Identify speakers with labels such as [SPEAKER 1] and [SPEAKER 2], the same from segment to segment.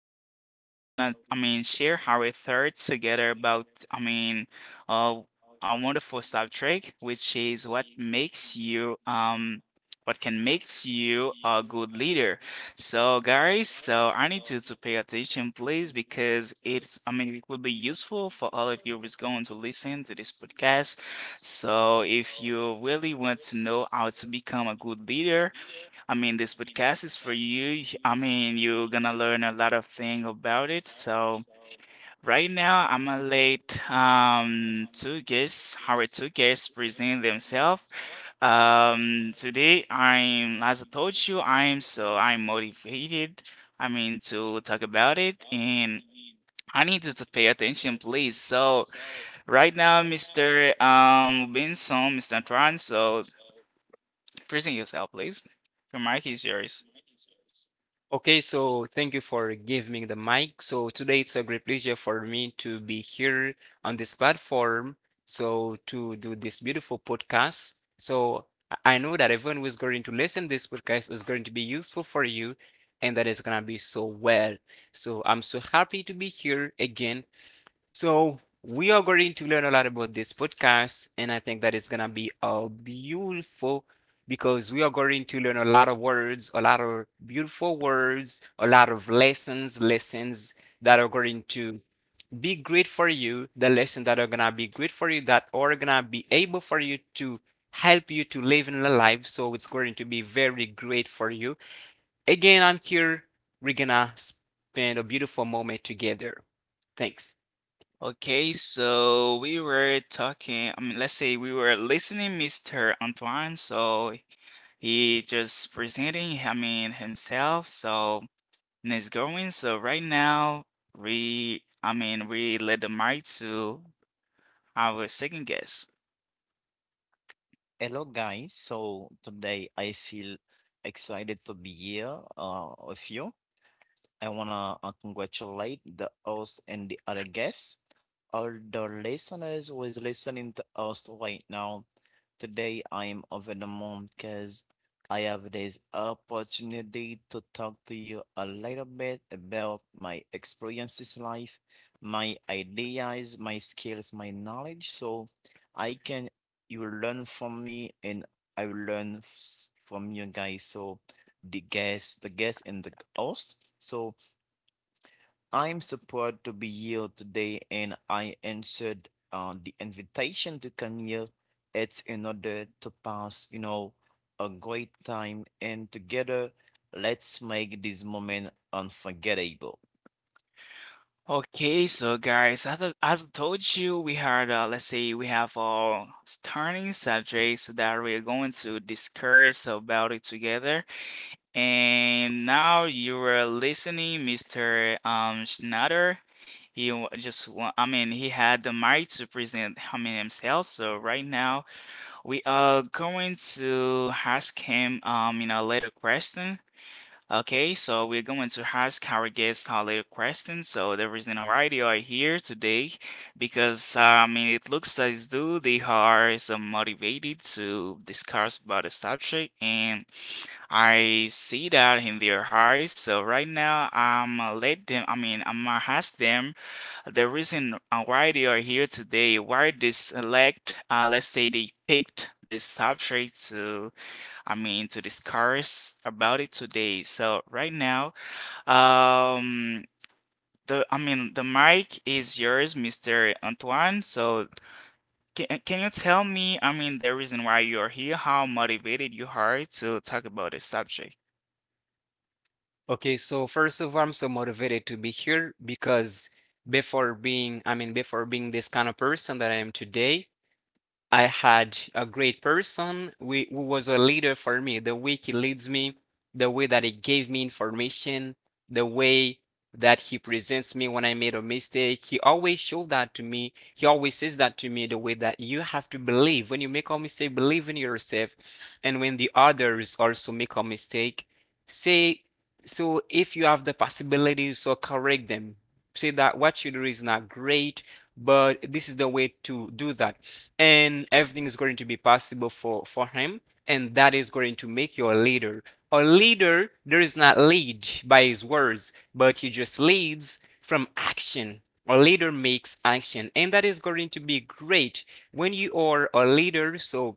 [SPEAKER 1] here. So we're gonna, I mean, share our thoughts together about, I mean, uh, our wonderful subject, which is what can makes you a good leader. So guys, so I need you to pay attention, please, because I mean, it will be useful for all of you who's going to listen to this podcast. So if you really want to know how to become a good leader, I mean, this podcast is for you. I mean, you're gonna learn a lot of things about it. So. Right now, I'm gonna let our two guests, present themselves. Today, I'm, as I told you, I'm motivated. I mean to talk about it, and I need you to pay attention, please. So, right now, Mr. Benson, Mr. Tran, so present yourself, please. Your mic is yours.
[SPEAKER 2] Okay, so thank you for giving me the mic. So today it's a great pleasure for me to be here on this platform. So to do this beautiful podcast. So I know that everyone who is going to listen this podcast is going to be useful for you and that it's gonna be so well. So I'm so happy to be here again, so we are going to learn a lot about this podcast, and I think that is gonna be beautiful, because we are going to learn a lot of words, a lot of beautiful words, a lot of lessons, lessons that are going to be great for you, the lessons that are gonna be great for you, that are gonna be able for you to help you to live in the life. So it's going to be very great for you. Again, I'm here. We're gonna spend a beautiful moment together. Thanks.
[SPEAKER 1] Okay, so we were talking, I mean, let's say we were listening, Mr. Antoine. So he just presenting, I mean, himself, so and it's going. So right now, I mean, we led the mic to our second guest.
[SPEAKER 3] Hello guys, so today I feel excited to be here with you. I wanna congratulate the host and the other guests, all the listeners who is listening to us right now. Today I am over the moon because I have this opportunity to talk to you a little bit about my experiences in life, my ideas, my skills, my knowledge, so I can you will learn from me and I will from you guys. So the guest and the host. So I'm supposed to be here today and I answered the invitation to come here. It's in order to pass a great time, and together let's make this moment unforgettable.
[SPEAKER 1] Okay, so guys, as I told you, let's say, we have our starting subjects that we're going to discuss about it together. And now you are listening, Mr. Schneider. He just, I mean, he had the mic to present, I mean, himself. So right now we are going to ask him, a little question. Okay, so we're going to ask our guest a little question. So the reason why they are here today, because I mean, it looks as though they are so motivated to discuss about the subject and. I see that in their eyes. So right now, I'm let them. I mean, I'm gonna ask them the reason why they are here today. Why they select? Let's say they picked this subject to. I mean, to discuss about it today. So right now, um, the I mean, the mic is yours, Mr. Antoine. So. Can you tell me, I mean, the reason why you're here, how motivated you are to talk about this subject?
[SPEAKER 2] Okay, so first of all, I'm so motivated to be here because before being, I mean, before being this kind of person that I am today, I had a great person who was a leader for me. The way he leads me, the way that he gave me information, the way that he presents me when I made a mistake. He always showed that to me. He always says that to me, the way that you have to believe when you make a mistake, believe in yourself. And when the others also make a mistake, say, so if you have the possibilities, so correct them, say that what you do is not great, but this is the way to do that. And everything is going to be possible for, him. And that is going to make you a leader. A leader, there is not lead by his words, but he just leads from action. A leader makes action, and that is going to be great when you are a leader. So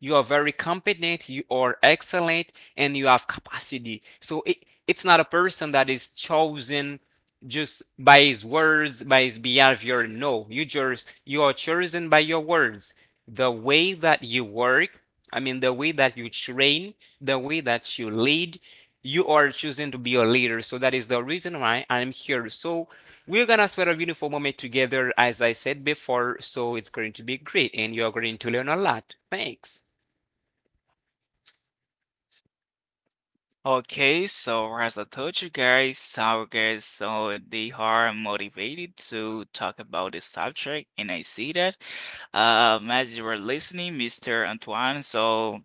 [SPEAKER 2] you are very competent, you are excellent, and you have capacity. So it's not a person that is chosen just by his words, by his behavior. No, you are chosen by your words. The way that you work, I mean the way that you train, the way that you lead, you are choosing to be a leader. So that is the reason why I'm here. So we're gonna spend a beautiful moment together, as I said before. So it's going to be great and you're going to learn a lot. Thanks.
[SPEAKER 1] Okay, so as I told you guys, our guys, so they are motivated to talk about this subject, and I see that. As you were listening, Mr. Antoine, so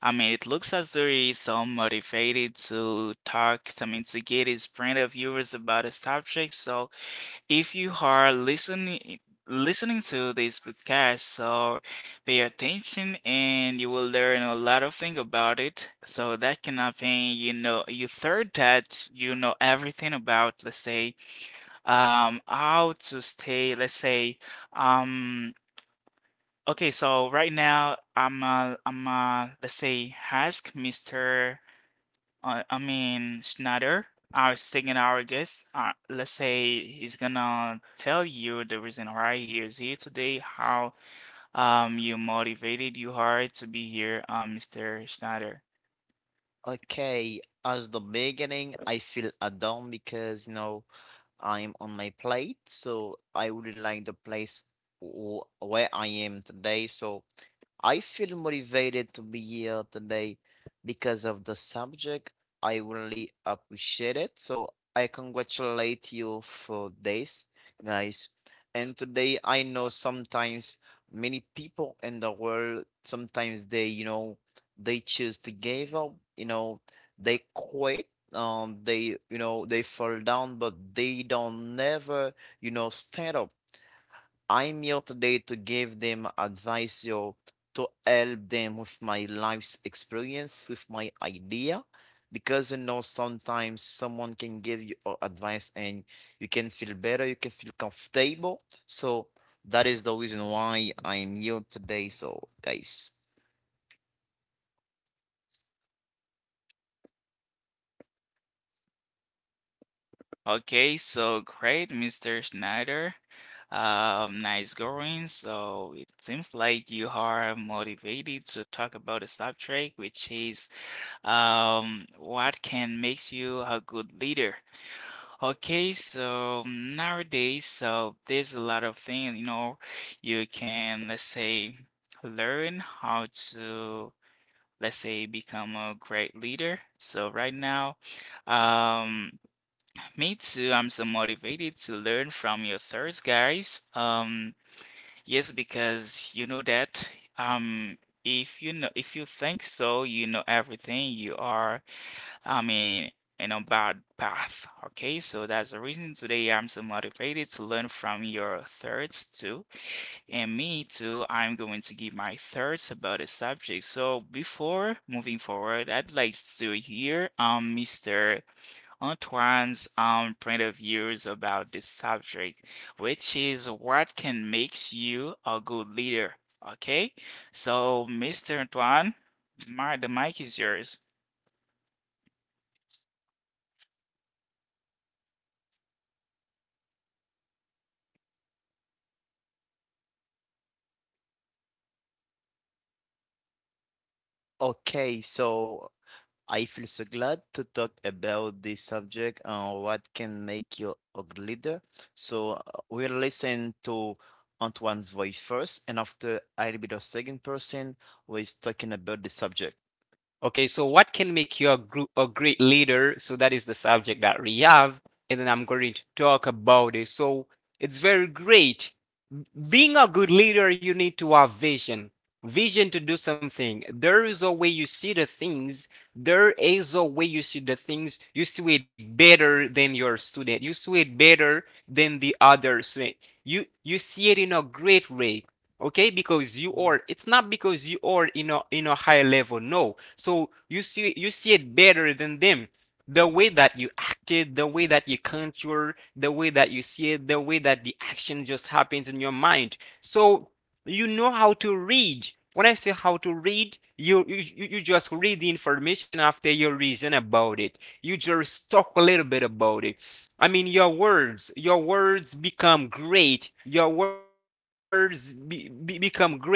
[SPEAKER 1] I mean, it looks as though he's so motivated to talk, I mean, to get his point of viewers about the subject. So if you are listening to this podcast, so pay attention and you will learn a lot of things about it. So that can happen, you third that you know everything about, let's say, how to stay, let's say, um, okay, so right now I'm let's say ask Mr I mean, Schneider, our second our guest, let's say he's gonna tell you the reason why he is here today, how you motivated you are to be here, Mr. Schneider.
[SPEAKER 3] Okay, as the beginning, I feel a down because you know I'm on my plate, so I would like the place where I am today. So I feel motivated to be here today because of the subject. I really appreciate it. So I congratulate you for this, guys. And today I know sometimes many people in the world, sometimes they choose to give up, they quit. They fall down, but they don't never stand up. I'm here today to give them advice yo, to help them with my life's experience, with my idea. Because you know, sometimes someone can give you advice and you can feel better, you can feel comfortable. So that is the reason why I'm here today. So, guys.
[SPEAKER 1] Okay, so great, Mr. Schneider. Nice going. So it seems like you are motivated to talk about a subject, which is what can makes you a good leader? Okay, so nowadays, so there's a lot of things, you can, let's say, learn how to, let's say, become a great leader. So right now, um, me too, I'm so motivated to learn from your thirst, guys. Yes, because you know that, um, if you know, if you think so, you know everything, you are. I mean, in a bad path. Okay, so that's the reason today I'm so motivated to learn from your thoughts too. And me too, I'm going to give my thoughts about the subject. So before moving forward, I'd like to hear Mr. Antoine's point of views about this subject, which is what can makes you a good leader. Okay? So Mr. Antoine, my the mic is yours.
[SPEAKER 3] Okay, so I feel so glad to talk about this subject and what can make you a good leader. So we'll listen to Antoine's voice first, and after I'll be the second person who is talking about the subject.
[SPEAKER 2] Okay, so what can make you a great leader? So that is the subject that we have, and then I'm going to talk about it. So it's very great. Being a good leader, you need to have vision. Vision to do something. There is a way you see the things. There is a way you see the things. You see it better than your student. You see it better than the other student. You see it in a great way. Okay, because you are.
[SPEAKER 3] Mm.
[SPEAKER 2] It's not because you are in a high level. No. So you see it better than them, the way that you acted, the way that you contour, the way that you see it, the way that the action just happens in your mind. So you know how to read. When I say how to read, you just read the information after you reason about it. You just talk a little bit about it. I mean, your words become great. Your words become greater. So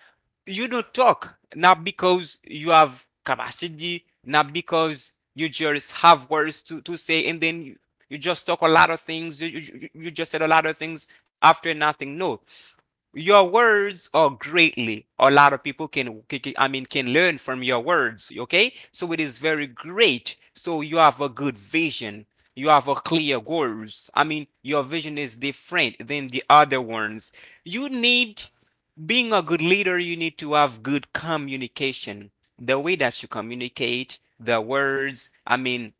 [SPEAKER 2] you don't talk, not because you have capacity, not because you just have words to say, and then you just talk a lot of things. You just said a lot of things after nothing. No, your words are greatly. A lot of people I mean, can learn from your words. Okay. So it is very great. So you have a good vision. You have a clear goals. I mean, your vision is different than the other ones. You need Being a good leader, you need to have good communication. The way that you communicate, the words, I mean,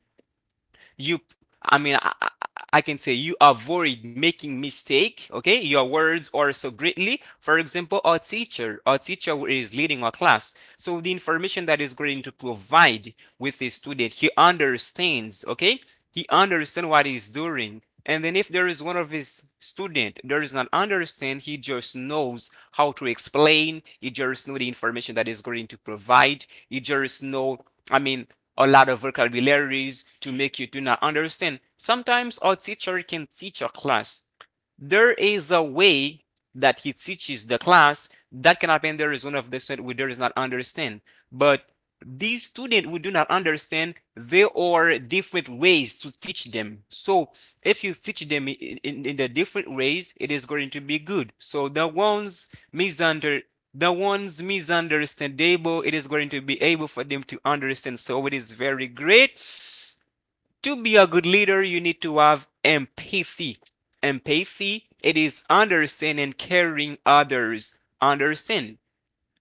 [SPEAKER 2] you, I mean, I can say you avoid making mistake. Okay, your words are so greatly. For example, our teacher is leading our class. So the information that is going to provide with the student, he understands. Okay, he understands what he's doing. And then if there is one of his student does not understand, he just knows how to explain. He just know the information that is going to provide. He just know. I mean, a lot of vocabularies to make you do not understand. Sometimes our teacher can teach a class. There is a way that he teaches the class, that can happen there is one of the student who does not understand, but these students who do not understand, there are different ways to teach them. So if you teach them in the different ways, it is going to be good, so the ones misunder misunderstandable, it is going to be able for them to understand. So it is very great. To be a good leader, you need to have empathy. Empathy, it is understanding and caring others. Understand,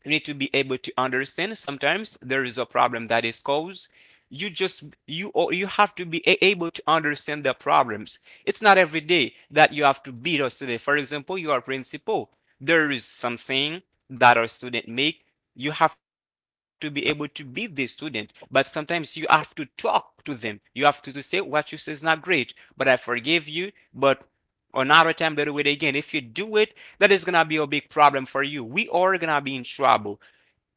[SPEAKER 2] you need to be able to understand sometimes there is a problem that is caused, you just you, or you have to be able to understand the problems. It's not every day that you have to beat a student. For example, you are principal, there is something that a student make, you have to be able to beat the student. But sometimes you have to talk to them, you have to say what you say is not great, but I forgive you. But another time they'll do it again. If you do it, that is gonna be a big problem for you. We are gonna be in trouble.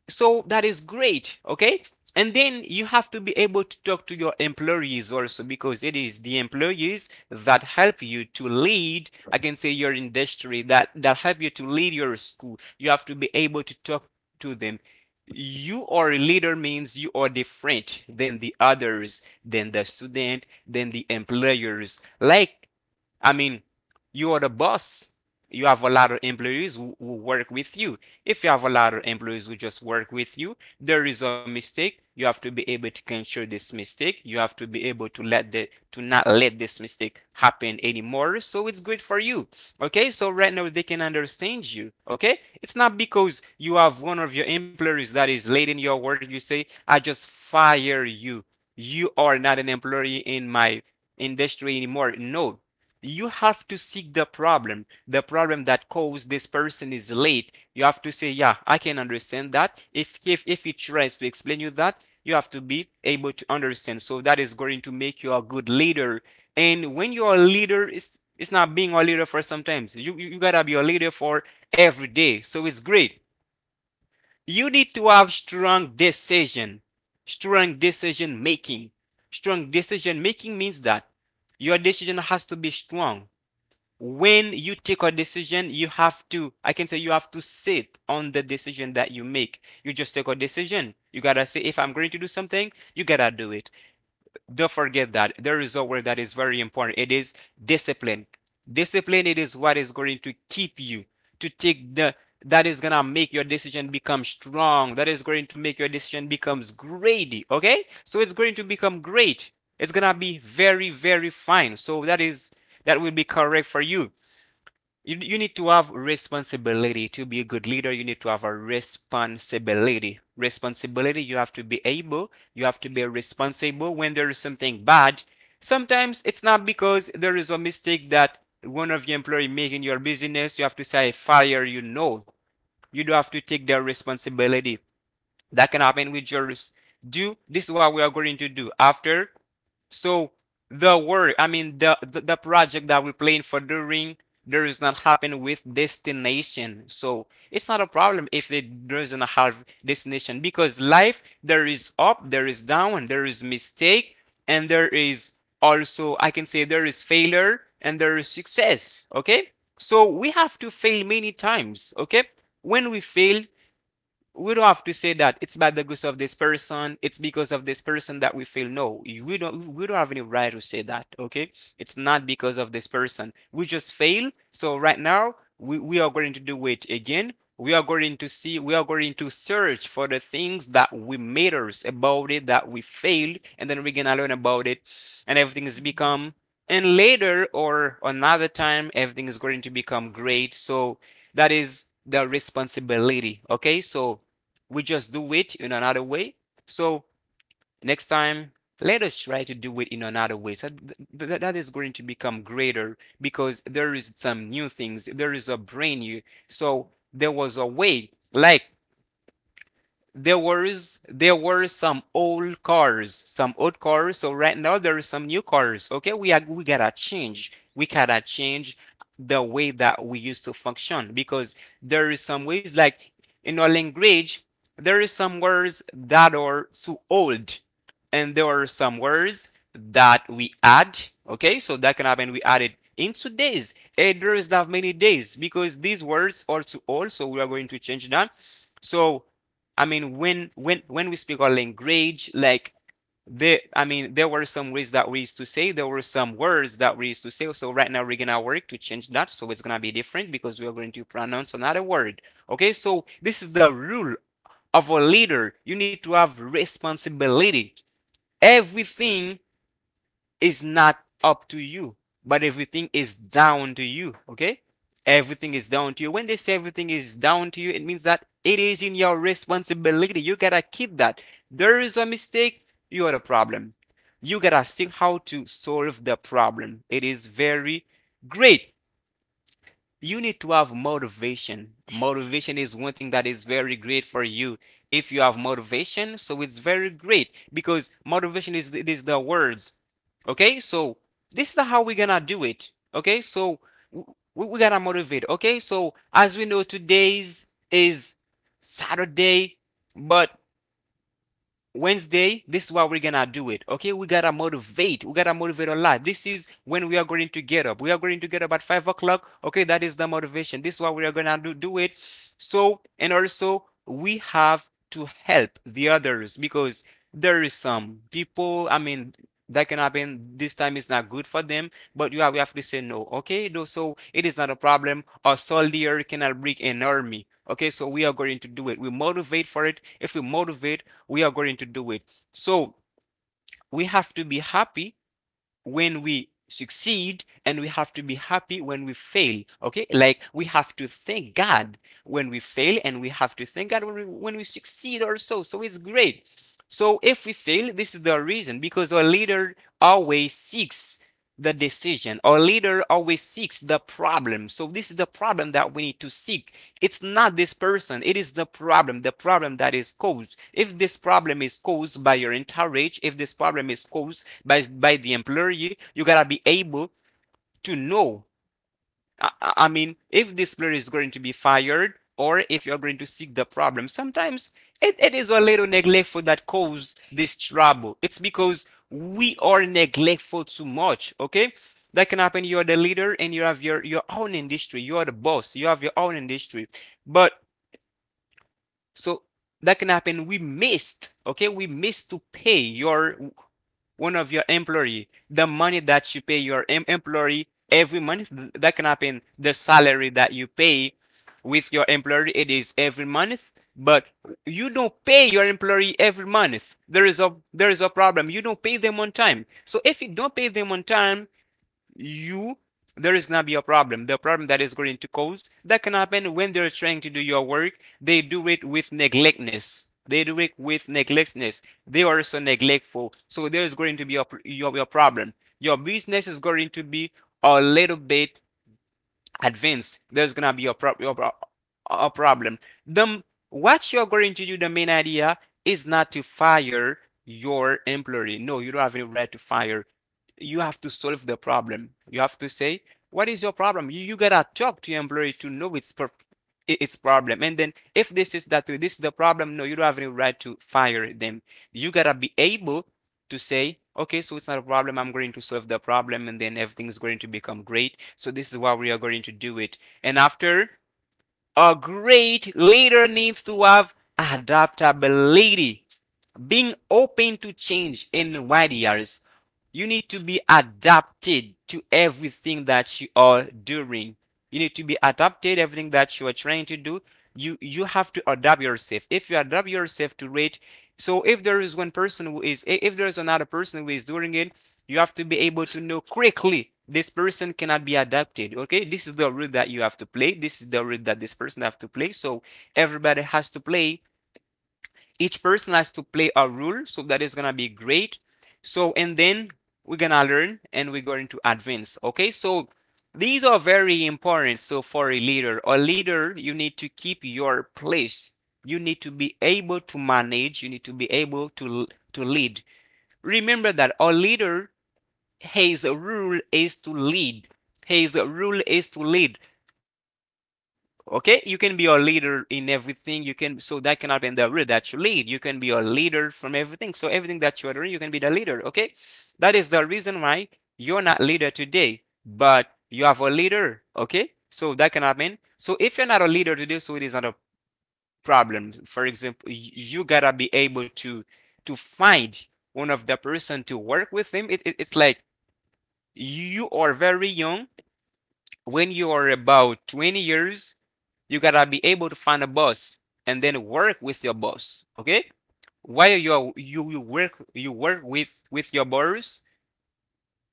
[SPEAKER 2] So that is great, okay. And then you have to be able to talk to your employees also, because it is the employees that help you to lead, I can say your industry, that help you to lead your school. You have to be able to talk to them. You are a leader means you are different than the others, than the student, than the employers, like, I mean, you are the boss. You have a lot of employees who work with you. If you have a lot of employees who just work with you, there is a mistake. You have to be able to control this mistake. You have to be able to not let this mistake happen anymore. So it's good for you. Okay, so right now they can understand you. Okay, it's not because you have one of your employees that is late in your work. You say, "I just fire you. You are not an employee in my industry anymore." No, you have to seek the problem that caused this person is late. You have to say, yeah, I can understand that. If if he tries to explain you that, you have to be able to understand. So that is going to make you a good leader. And when you're a leader, it's not being a leader for sometimes, you gotta be a leader for every day. So it's great. You need to have strong decision, strong decision making. Strong decision making means that your decision has to be strong. When you take a decision, you have to, I can say you have to sit on the decision that you make. You just take a decision. You gotta say, if I'm going to do something, you gotta do it. Don't forget that. There is a word that is very important. It is discipline. Discipline, it is what is going to keep you to take the, that is gonna make your decision become strong. That is going to make your decision becomes great. Okay? So it's going to become great. It's gonna be very, very fine. So that will be correct for you. You need to have responsibility. To be a good leader, you need to have a responsibility. Responsibility, you have to be responsible when there is something bad. Sometimes it's not because there is a mistake that one of your employee make in your business, you have to say fire, you know. You do have to take the responsibility. That can happen with yours. Do this is what we are going to do. After, so the work, I mean the project that we're playing for during, there is not happen with destination. So it's not a problem if it doesn't have destination because life, there is up, there is down, there is mistake, and there is also, I can say, there is failure and there is success. Okay? So we have to fail many times. Okay? When we fail, we don't have to say that it's by the grace of this person, it's because of this person that we fail. No, we don't have any right to say that, okay? It's not because of this person. We just fail. So right now, we are going to do it again. We are going to see, we are going to search for the things that we matters about it, that we failed, and then we're gonna learn about it, and everything is become, and later or another time everything is going to become great. So that is the responsibility, okay? So we just do it in another way. So next time, let us try to do it in another way. So that is going to become greater because there is some new things. There is a brain new. So there was a way, like there was, there were some old cars, some old cars. So right now there is some new cars. Okay, we gotta change. We gotta change the way that we used to function because there is some ways, like in our language there is some words that are too old and there are some words that we add. Okay, so that can happen. We added into days. It does not have many days because these words are too old, so we are going to change that. So I mean, when when we speak our language, like there, I mean, there were some ways that we used to say, there were some words that we used to say. So right now we're gonna work to change that, so it's gonna be different because we are going to pronounce another word. Okay, so this is the rule of a leader. You need to have responsibility. Everything is not up to you, but everything is down to you. Okay? Everything is down to you. When they say everything is down to you, it means that it is in your responsibility. You gotta keep that. There is a mistake, you are the problem. You gotta see how to solve the problem. It is very great. You need to have motivation. Motivation is one thing that is very great for you. If you have motivation, so it's very great because motivation is is the words. Okay, so this is how we're gonna do it. Okay, so we gotta motivate. Okay, so as we know, today's is Saturday, but Wednesday, this is what we're gonna do it. Okay, we gotta motivate. We gotta motivate a lot. This is when we are going to get up. We are going to get up at 5 o'clock. Okay, that is the motivation. This is what we are gonna do it. So and also we have to help the others because there is some people. I mean, that can happen. This time is not good for them. But you have to say no, okay? Though, so it is not a problem. A soldier cannot break an army. Okay, so we are going to do it. We motivate for it. If we motivate, we are going to do it. So we have to be happy when we succeed and we have to be happy when we fail. Okay, like we have to thank God when we fail and we have to thank God when we succeed also. So it's great. So if we fail, this is the reason because our leader always seeks the decision. Our leader always seeks the problem. So this is the problem that we need to seek. It's not this person. It is the problem that is caused. If this problem is caused by your entourage, if this problem is caused by, the employee, you gotta be able to know. I mean, if this player is going to be fired or if you're going to seek the problem, sometimes it is a little neglectful that cause this trouble. It's because we are neglectful too much, okay? That can happen. You're the leader and you have your own industry. You are the boss. You have your own industry. But so that can happen. We missed, okay? We missed to pay your one of your employee, the money that you pay your employee every month, that can happen. The salary that you pay with your employee, it is every month, but you don't pay your employee every month. There is a problem. You don't pay them on time. So if you don't pay them on time, you, there is gonna be a problem. The problem that is going to cause that can happen when they're trying to do your work. They do it with neglectness. They do it with neglectness. They are so neglectful. So there is going to be a your problem. Your business is going to be a little bit advanced, there's gonna be a, a problem. The what you're going to do, the main idea is not to fire your employee. No, you don't have any right to fire. You have to solve the problem. You have to say, what is your problem? You gotta talk to your employee to know its problem. And then if this is that this is the problem, no, you don't have any right to fire them. You gotta be able to say, okay, so it's not a problem. I'm going to solve the problem and then everything's going to become great. So this is why we are going to do it. And after, a great leader needs to have adaptability, being open to change in wide. You need to be adapted to everything that you are doing. You need to be adapted everything that you are trying to do. You have to adapt yourself. If you adapt yourself to it, so if there is one person who is, if there is another person who is doing it, you have to be able to know quickly this person cannot be adapted. Okay, this is the role that you have to play. This is the role that this person have to play. So everybody has to play, each person has to play a role, so that is gonna be great. So and then we're gonna learn and we're going to advance, okay? So these are very important. So for a leader, a leader, you need to keep your place. You need to be able to manage, you need to be able to lead. Remember that a leader, his rule is to lead, his rule is to lead. Okay, you can be a leader in everything. You can, so that cannot be in the route that you lead. You can be a leader from everything. So everything that you are doing, you can be the leader. Okay, that is the reason why you're not leader today, but you have a leader. Okay, so that cannot mean. So if you're not a leader today, so it is not a problem. For example, you gotta be able to find one of the person to work with him. It's like you are very young. When you are about 20 years, you gotta be able to find a boss and then work with your boss. Okay? While you are, you work with your boss,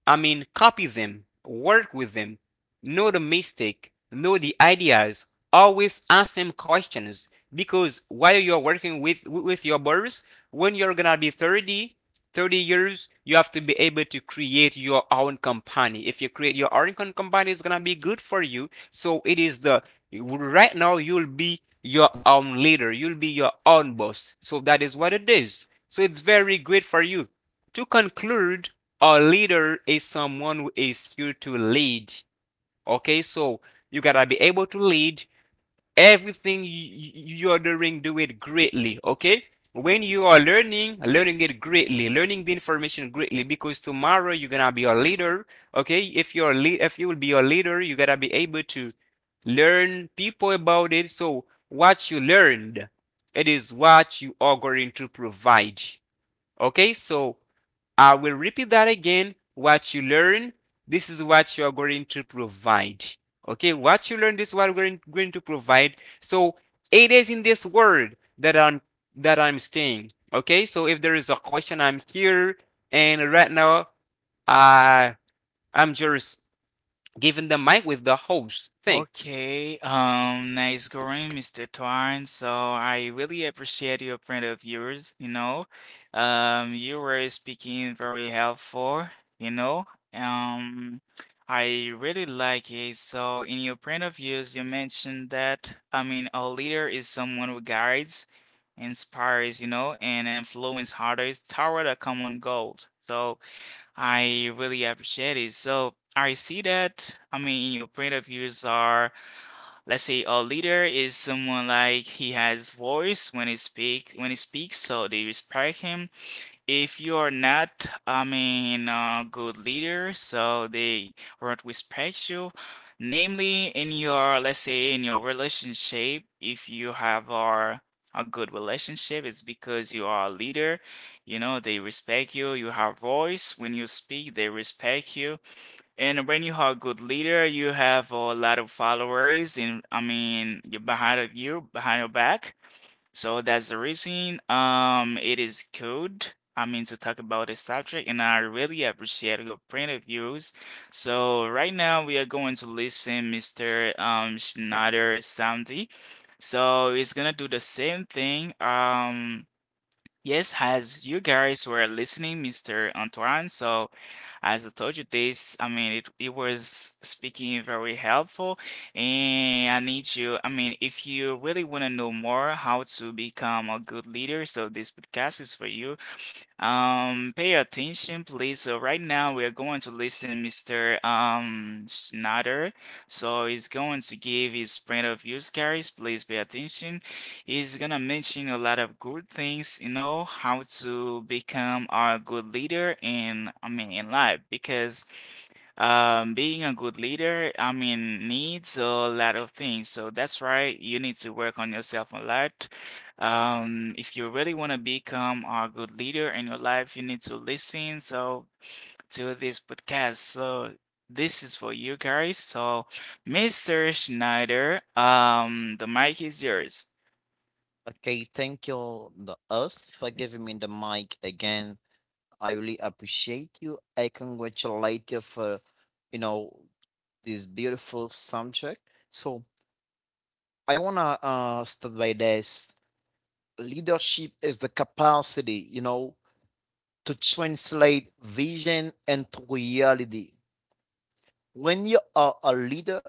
[SPEAKER 2] I mean, copy them, work with them, know the mistake, know the ideas, always ask them questions, because while you're working with your borrowers, when you're gonna be 30, 30 years, you have to be able to create your own company. If you create your own company, it's gonna be good for you. So it is the right now you'll be your own leader, you'll be your own boss. So that is what it is. So it's very great for you. To conclude, a leader is someone who is here to lead. Okay, so you gotta be able to lead everything you're doing, do it greatly. Okay, when you are learning, learning it greatly, learning the information greatly, because tomorrow you're gonna be a leader. Okay, if you're a lead, if you will be a leader, you gotta be able to learn people about it. So what you learned, it is what you are going to provide. Okay, so I will repeat that again. What you learn, this is what you are going to provide. Okay, what you learn, this is what we're going to provide. So it is in this word that I'm staying. Okay, so if there is a question, I'm here, and right now I I'm just giving the mic with the host. Thanks.
[SPEAKER 1] Okay, nice going, Mr. Twine. So I really appreciate your point of views, you know. You were speaking very helpful, you know. Um, I really like it. So in your point of views, you mentioned that, I mean, a leader is someone who guides, inspires, and influence others toward a common goal. So I really appreciate it. So I see that, I mean, in your point of views are, let's say a leader is someone like he has voice when he speaks, so they respect him if you are not, I mean, a good leader, so they won't respect you. Namely, let's say, in your relationship, if you have a good relationship, it's because you are a leader. You know, they respect you. You have voice. When you speak, they respect you. And when you are a good leader, you have a lot of followers in, I mean, you behind of you, behind your back. So that's the reason it is good. I mean to talk about this subject and I really appreciate your point of views. So right now we are going to listen Mr. Schneider Samdi. So he's gonna do the same thing. Yes, as you guys were listening, Mr. Antoine, so as I told you this, I mean, it was speaking very helpful. And I need you, I mean, if you really want to know more how to become a good leader, so this podcast is for you. Pay attention, please. So right now we are going to listen Mr. Schneider. So he's going to give his point of views, guys. Please pay attention. He's gonna mention a lot of good things, how to become a good leader in I mean in life because being a good leader, I mean, needs a lot of things. So that's right, you need to work on yourself a lot. If you really want to become a good leader in your life, you need to listen so to this podcast. So this is for you guys. So, Mr. Schneider, the mic is yours.
[SPEAKER 3] Okay, thank you, the host, for giving me the mic again. I really appreciate you. I congratulate you for, you know, this beautiful subject. So I wanna start by this. Leadership is the capacity, to translate vision into reality. When you are a leader,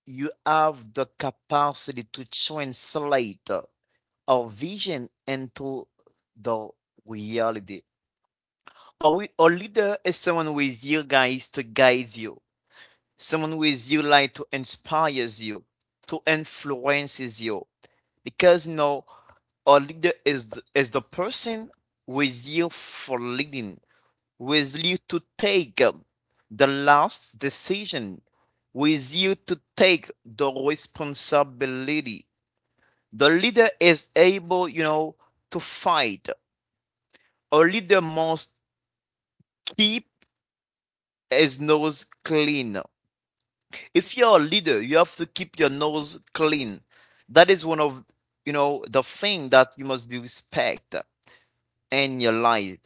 [SPEAKER 3] you have the capacity to translate a vision into the reality. A leader is someone who is here, guys, to guide you, someone with you like to inspires you, to influences you, because you know a leader is the person with you for leading, with you to take the last decision, with you to take the responsibility. The leader is able, you know, to fight. A leader must keep his nose clean. If you're a leader, you have to keep your nose clean. That is one of, you know, the thing that you must be respect in your life.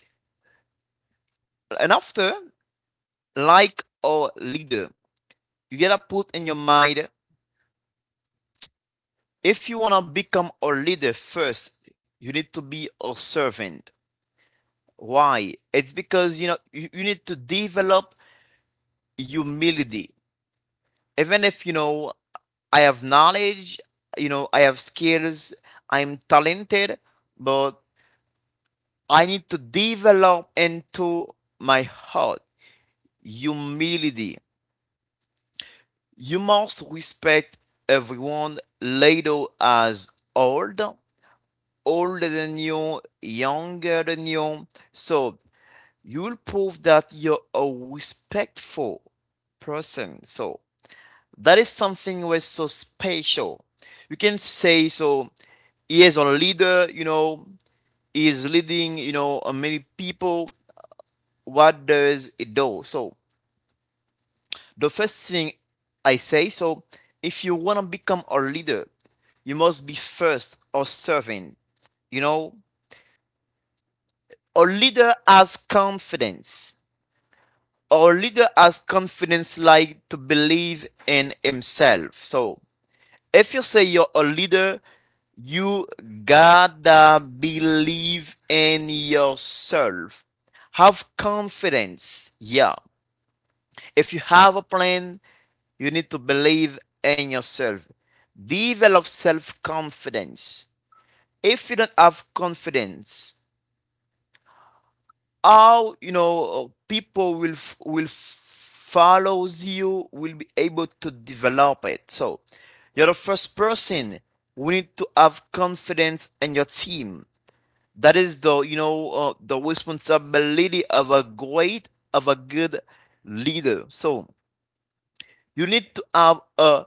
[SPEAKER 3] And after, like a leader, you gotta put in your mind, if you wanna become a leader first you need to be a servant. Why? It's because you know you need to develop humility, even if you know I have knowledge, you know I have skills, I'm talented, but I need to develop into my heart humility. You must respect everyone later as old, older than you, younger than you. So you'll prove that you're a respectful person. So that is something was so special. You can say so he is a leader, you know, he is leading, you know, many people. What does it do? So the first thing I say so, if you want to become a leader, you must be first or serving. You know, a leader has confidence. A leader has confidence like to believe in himself. So, if you say you're a leader, you gotta believe in yourself. Have confidence. Yeah. If you have a plan, you need to believe in yourself. Develop self confidence. If you don't have confidence, how you know people will follow you will be able to develop it. So you're the first person. We need to have confidence in your team. That is the, you know, the responsibility of a good leader. So you need to have a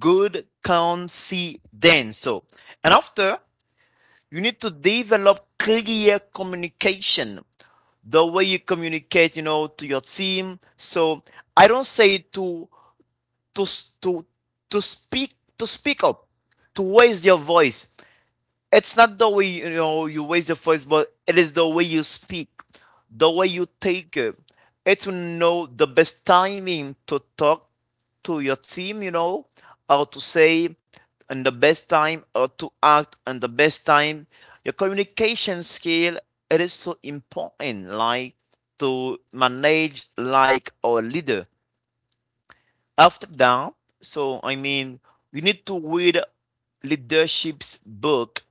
[SPEAKER 3] good confidence. So, and after, you need to develop clear communication. The way you communicate, you know, to your team. So I don't say to to to speak, to speak up, to raise your voice. It's not the way you know you raise the voice, but it is the way you speak, the way you take it. It's to know the best timing to talk to your team, you know, how to say and the best time, how to act and the best time. Your communication skill, it is so important, like to manage like our leader. After that, so I mean, we need to read leadership's book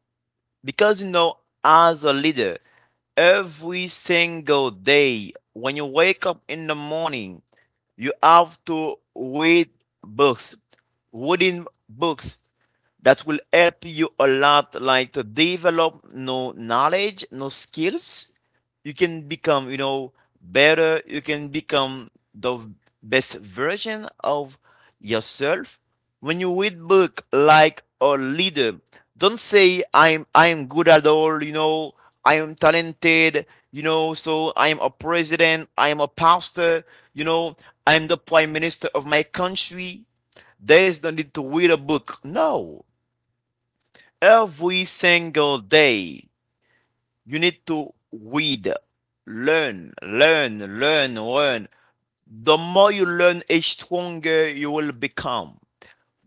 [SPEAKER 3] because, you know, as a leader, every single day when you wake up in the morning, you have to read books, reading books that will help you a lot, like to develop new knowledge, new skills. You can become, you know, better. You can become the best version of yourself when you read book like a leader. Don't say I'm good at all, you know. I am talented, you know, so I'm a president, I'm a pastor, you know, I'm the prime minister of my country. There's no need to read a book. No, every single day you need to read, learn, learn, learn, learn. The more you learn, the stronger you will become.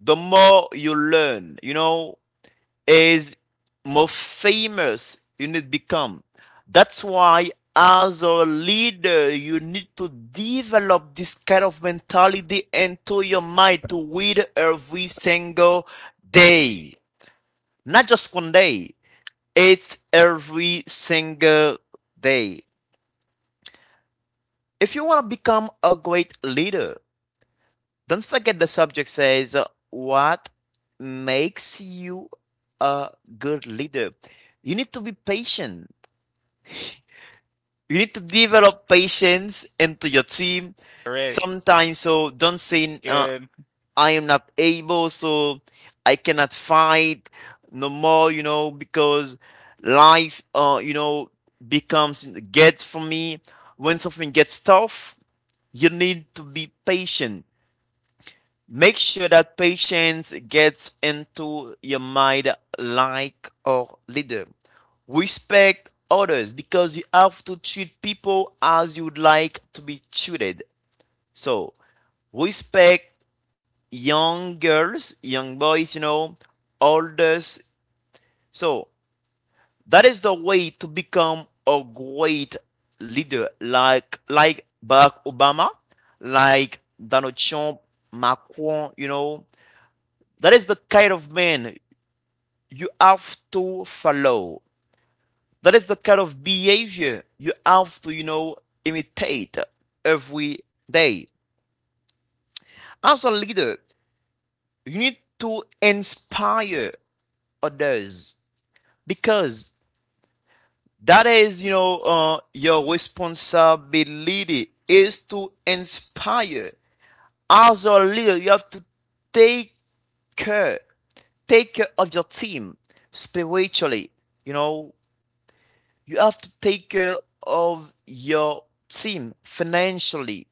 [SPEAKER 3] The more you learn, you know, is more famous you need to become. That's why, as a leader, you need to develop this kind of mentality into your mind to read every single day. Not just one day, it's every single day. If you want to become a great leader, don't forget the subject says what makes you a good leader. You need to be patient. You need to develop patience into your team.
[SPEAKER 1] All right,
[SPEAKER 3] Sometimes, so don't say
[SPEAKER 1] good.
[SPEAKER 3] I am not able, so I cannot fight no more. You know, because life, you know, becomes gets for me. When something gets tough, you need to be patient. Make sure that patience gets into your mind like a leader. Respect others because you have to treat people as you would like to be treated. So respect young girls, young boys, you know, elders. So that is the way to become a great leader, like Barack Obama, like Donald Trump, Macron, you know. That is the kind of man you have to follow. That is the kind of behavior you have to, you know, imitate every day. As a leader, you need to inspire others because that is, you know, your responsibility is to inspire. As a leader, you have to take care, take care of your team spiritually, you know. You have to take care of your team financially,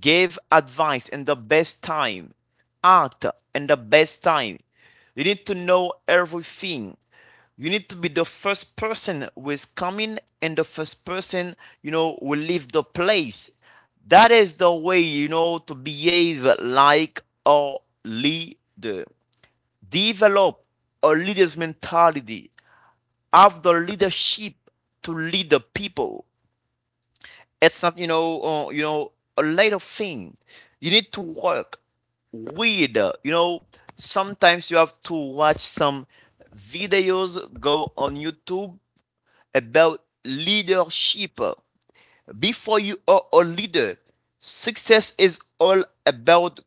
[SPEAKER 3] give advice in the best time, act in the best time. You need to know everything. You need to be the first person who is coming and the first person, you know, will leave the place. That is the way, you know, to behave like a leader. Develop a leader's mentality, have the leadership to lead the people. It's not, you know, you know a later thing. You need to work with, you know. Sometimes you have to watch some videos, go on YouTube about leadership. Before you are a leader, success is all about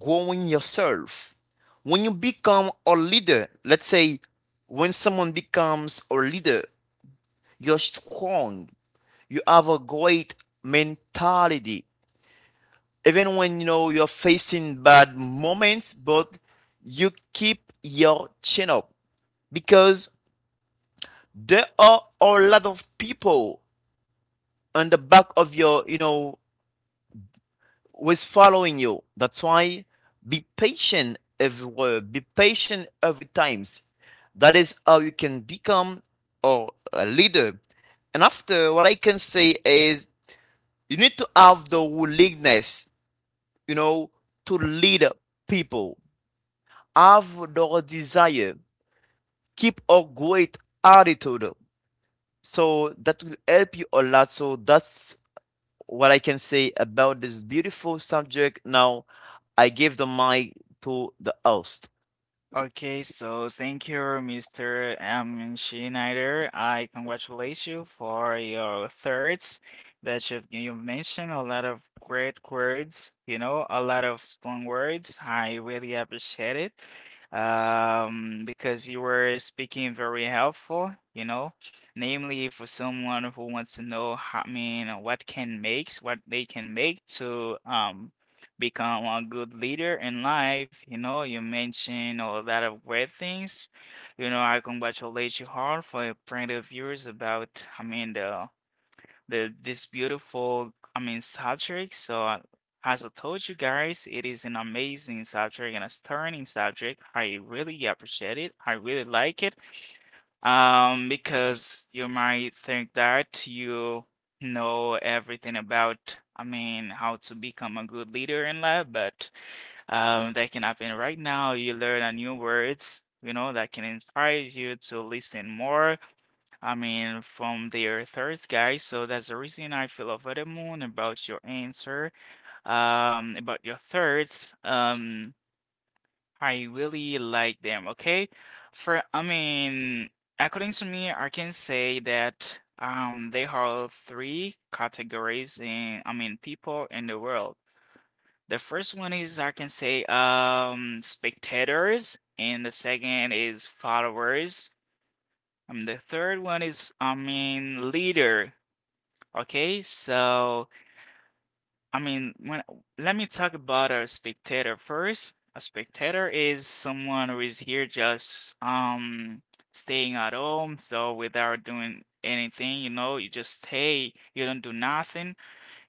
[SPEAKER 3] growing yourself. When you become a leader, let's say when someone becomes a leader, you're strong. You have a great mentality. Even when you know you're facing bad moments, but you keep your chin up because there are a lot of people on the back of your, you know, was following you. That's why be patient everywhere. Be patient every times. That is how you can become or a leader. And after, what I can say is you need to have the willingness, you know, to lead people. Have the desire. Keep a great attitude. So that will help you a lot. So that's what I can say about this beautiful subject. Now I give the mic to the host.
[SPEAKER 1] Okay, so thank you, Mr. M. Schneider. I congratulate you for your thirds that you mentioned a lot of great words, a lot of strong words. I really appreciate it. Because you were speaking very helpful, namely for someone who wants to know how, I mean, what they can make to become a good leader in life. You know, you mentioned a lot of great things. You know, I congratulate you hard for your point of views about, I mean, the this beautiful, I mean, subject. So, as I told you guys, it is an amazing subject and a stunning subject. I really appreciate it. I really like it. Because you might think that you know everything about, I mean, how to become a good leader in life, but that can happen right now. You learn a new words, that can inspire you to listen more I mean, from their Earthers, guys. So that's the reason I feel overwhelmed about your answer, about your thirds. I really like them. Okay, for I mean, according to me, I can say that they are three categories in I mean people in the world. The first one is I can say spectators, and the second is followers. The third one is, I mean, leader. Okay, so I mean, when let me talk about a spectator first. A spectator is someone who is here just staying at home, so without doing anything, you just stay, you don't do nothing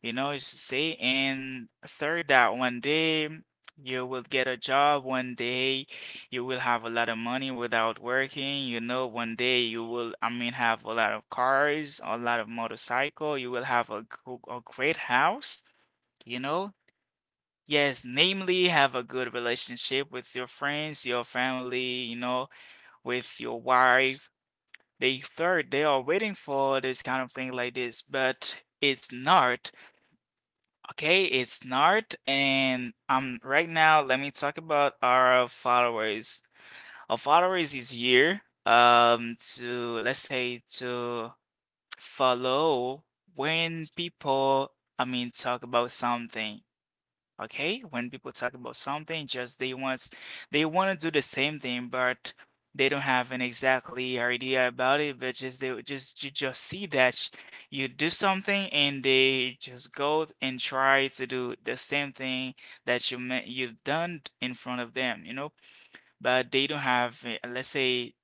[SPEAKER 1] you know, it's to say. And third, that one day you will get a job, one day you will have a lot of money without working, one day you will, I mean, have a lot of cars, a lot of motorcycle, you will have a great house, you know. Yes, namely, have a good relationship with your friends, your family, with your wife. They third, they are waiting for this kind of thing like this, but it's not. Okay, it's Nart, and right now let me talk about our followers. Our followers is here to, let's say, to follow when people, talk about something. Okay, when people talk about something, just they want, they want to do the same thing, but they don't have an exactly idea about it. But just they would just, you just see that you do something, and they just go and try to do the same thing that you meant you've done in front of them, you know. But they don't have, let's say,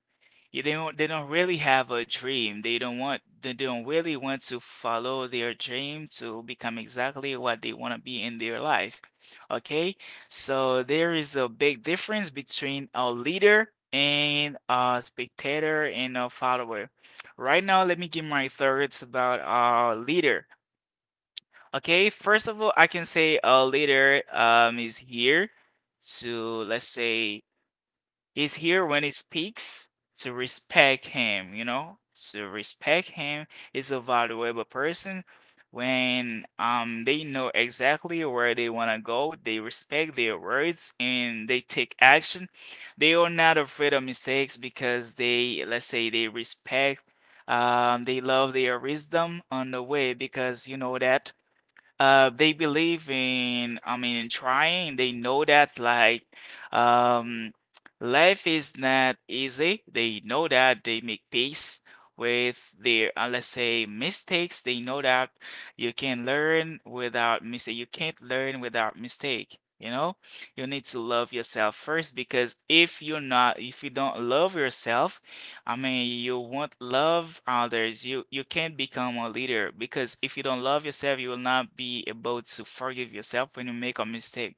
[SPEAKER 1] yeah, they don't, they don't really have a dream. They don't want, they don't really want to follow their dream to become exactly what they want to be in their life. Okay? So there is a big difference between a leader and a spectator and a follower. Right now, let me give my thoughts about a leader. Okay, first of all, I can say a leader is here to, let's say, is here when he speaks to respect him, you know? To respect him is a valuable person when they know exactly where they want to go, they respect their words, and they take action. They are not afraid of mistakes because they, let's say, they respect, they love their wisdom on the way, because you know that they believe in, I mean, in trying. They know that, like, um, life is not easy. They know that they make peace with their, let's say, mistakes. They know that you can learn without mistake. You can't learn without mistake. You know, you need to love yourself first, because if you're not, if you don't love yourself, I mean, you won't love others. You can't become a leader, because if you don't love yourself, you will not be able to forgive yourself when you make a mistake.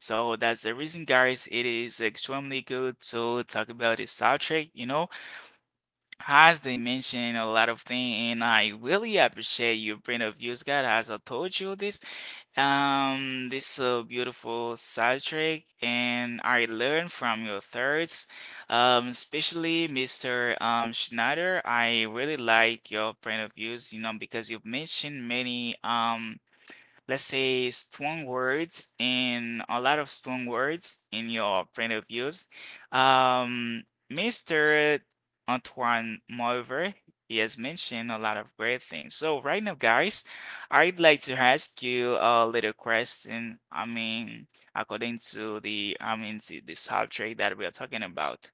[SPEAKER 1] So that's the reason, guys, it is extremely good to talk about this subject, you know, as they mentioned a lot of things, and I really appreciate your point of views, guys, as I told you this. This is a beautiful soundtrack, and I learned from your thirds, especially Mr. Schneider. I really like your point of views, you know, because you've mentioned many let's say strong words and a lot of strong words in your point of views. Um, Mr. Antoine Mover, he has mentioned a lot of great things. So right now, guys, I'd like to ask you a little question. I mean, according to the, I mean, to the subject that we are talking about.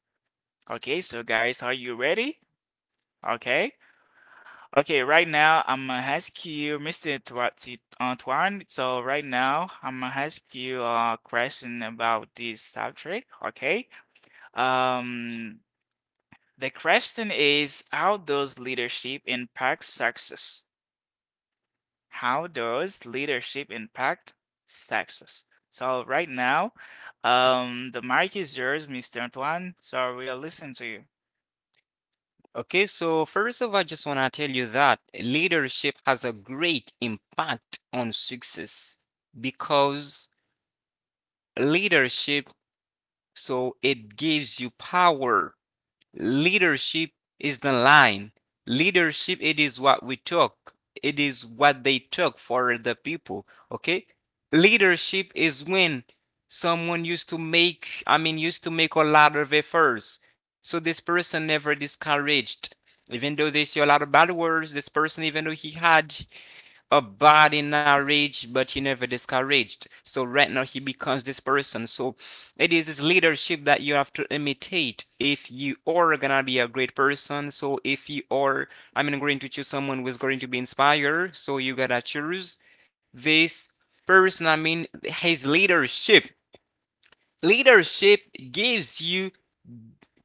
[SPEAKER 1] Okay, so guys, are you ready? Okay. Okay, right now I'm gonna ask you, Mr. Antoine. So right now I'm gonna ask you a question about this subject. Okay. Um, the question is, how does leadership impact success? How does leadership impact success? So right now, the mic is yours, Mr. Antoine. So we'll listen to you.
[SPEAKER 2] Okay, so first of all, I just want to tell you that leadership has a great impact on success because leadership. So it gives you power. Leadership is the line. Leadership, it is what we took. It is what they took for the people. Okay. Leadership is when someone used to make, used to make a lot of efforts. So this person never discouraged. Even though they say a lot of bad words, this person, even though he had a body not rich, but he never discouraged. So right now he becomes this person. So it is his leadership that you have to imitate if you are gonna be a great person. So if you are, going to choose someone who is going to be inspired. So you gotta choose this person. I mean, his leadership. Leadership gives you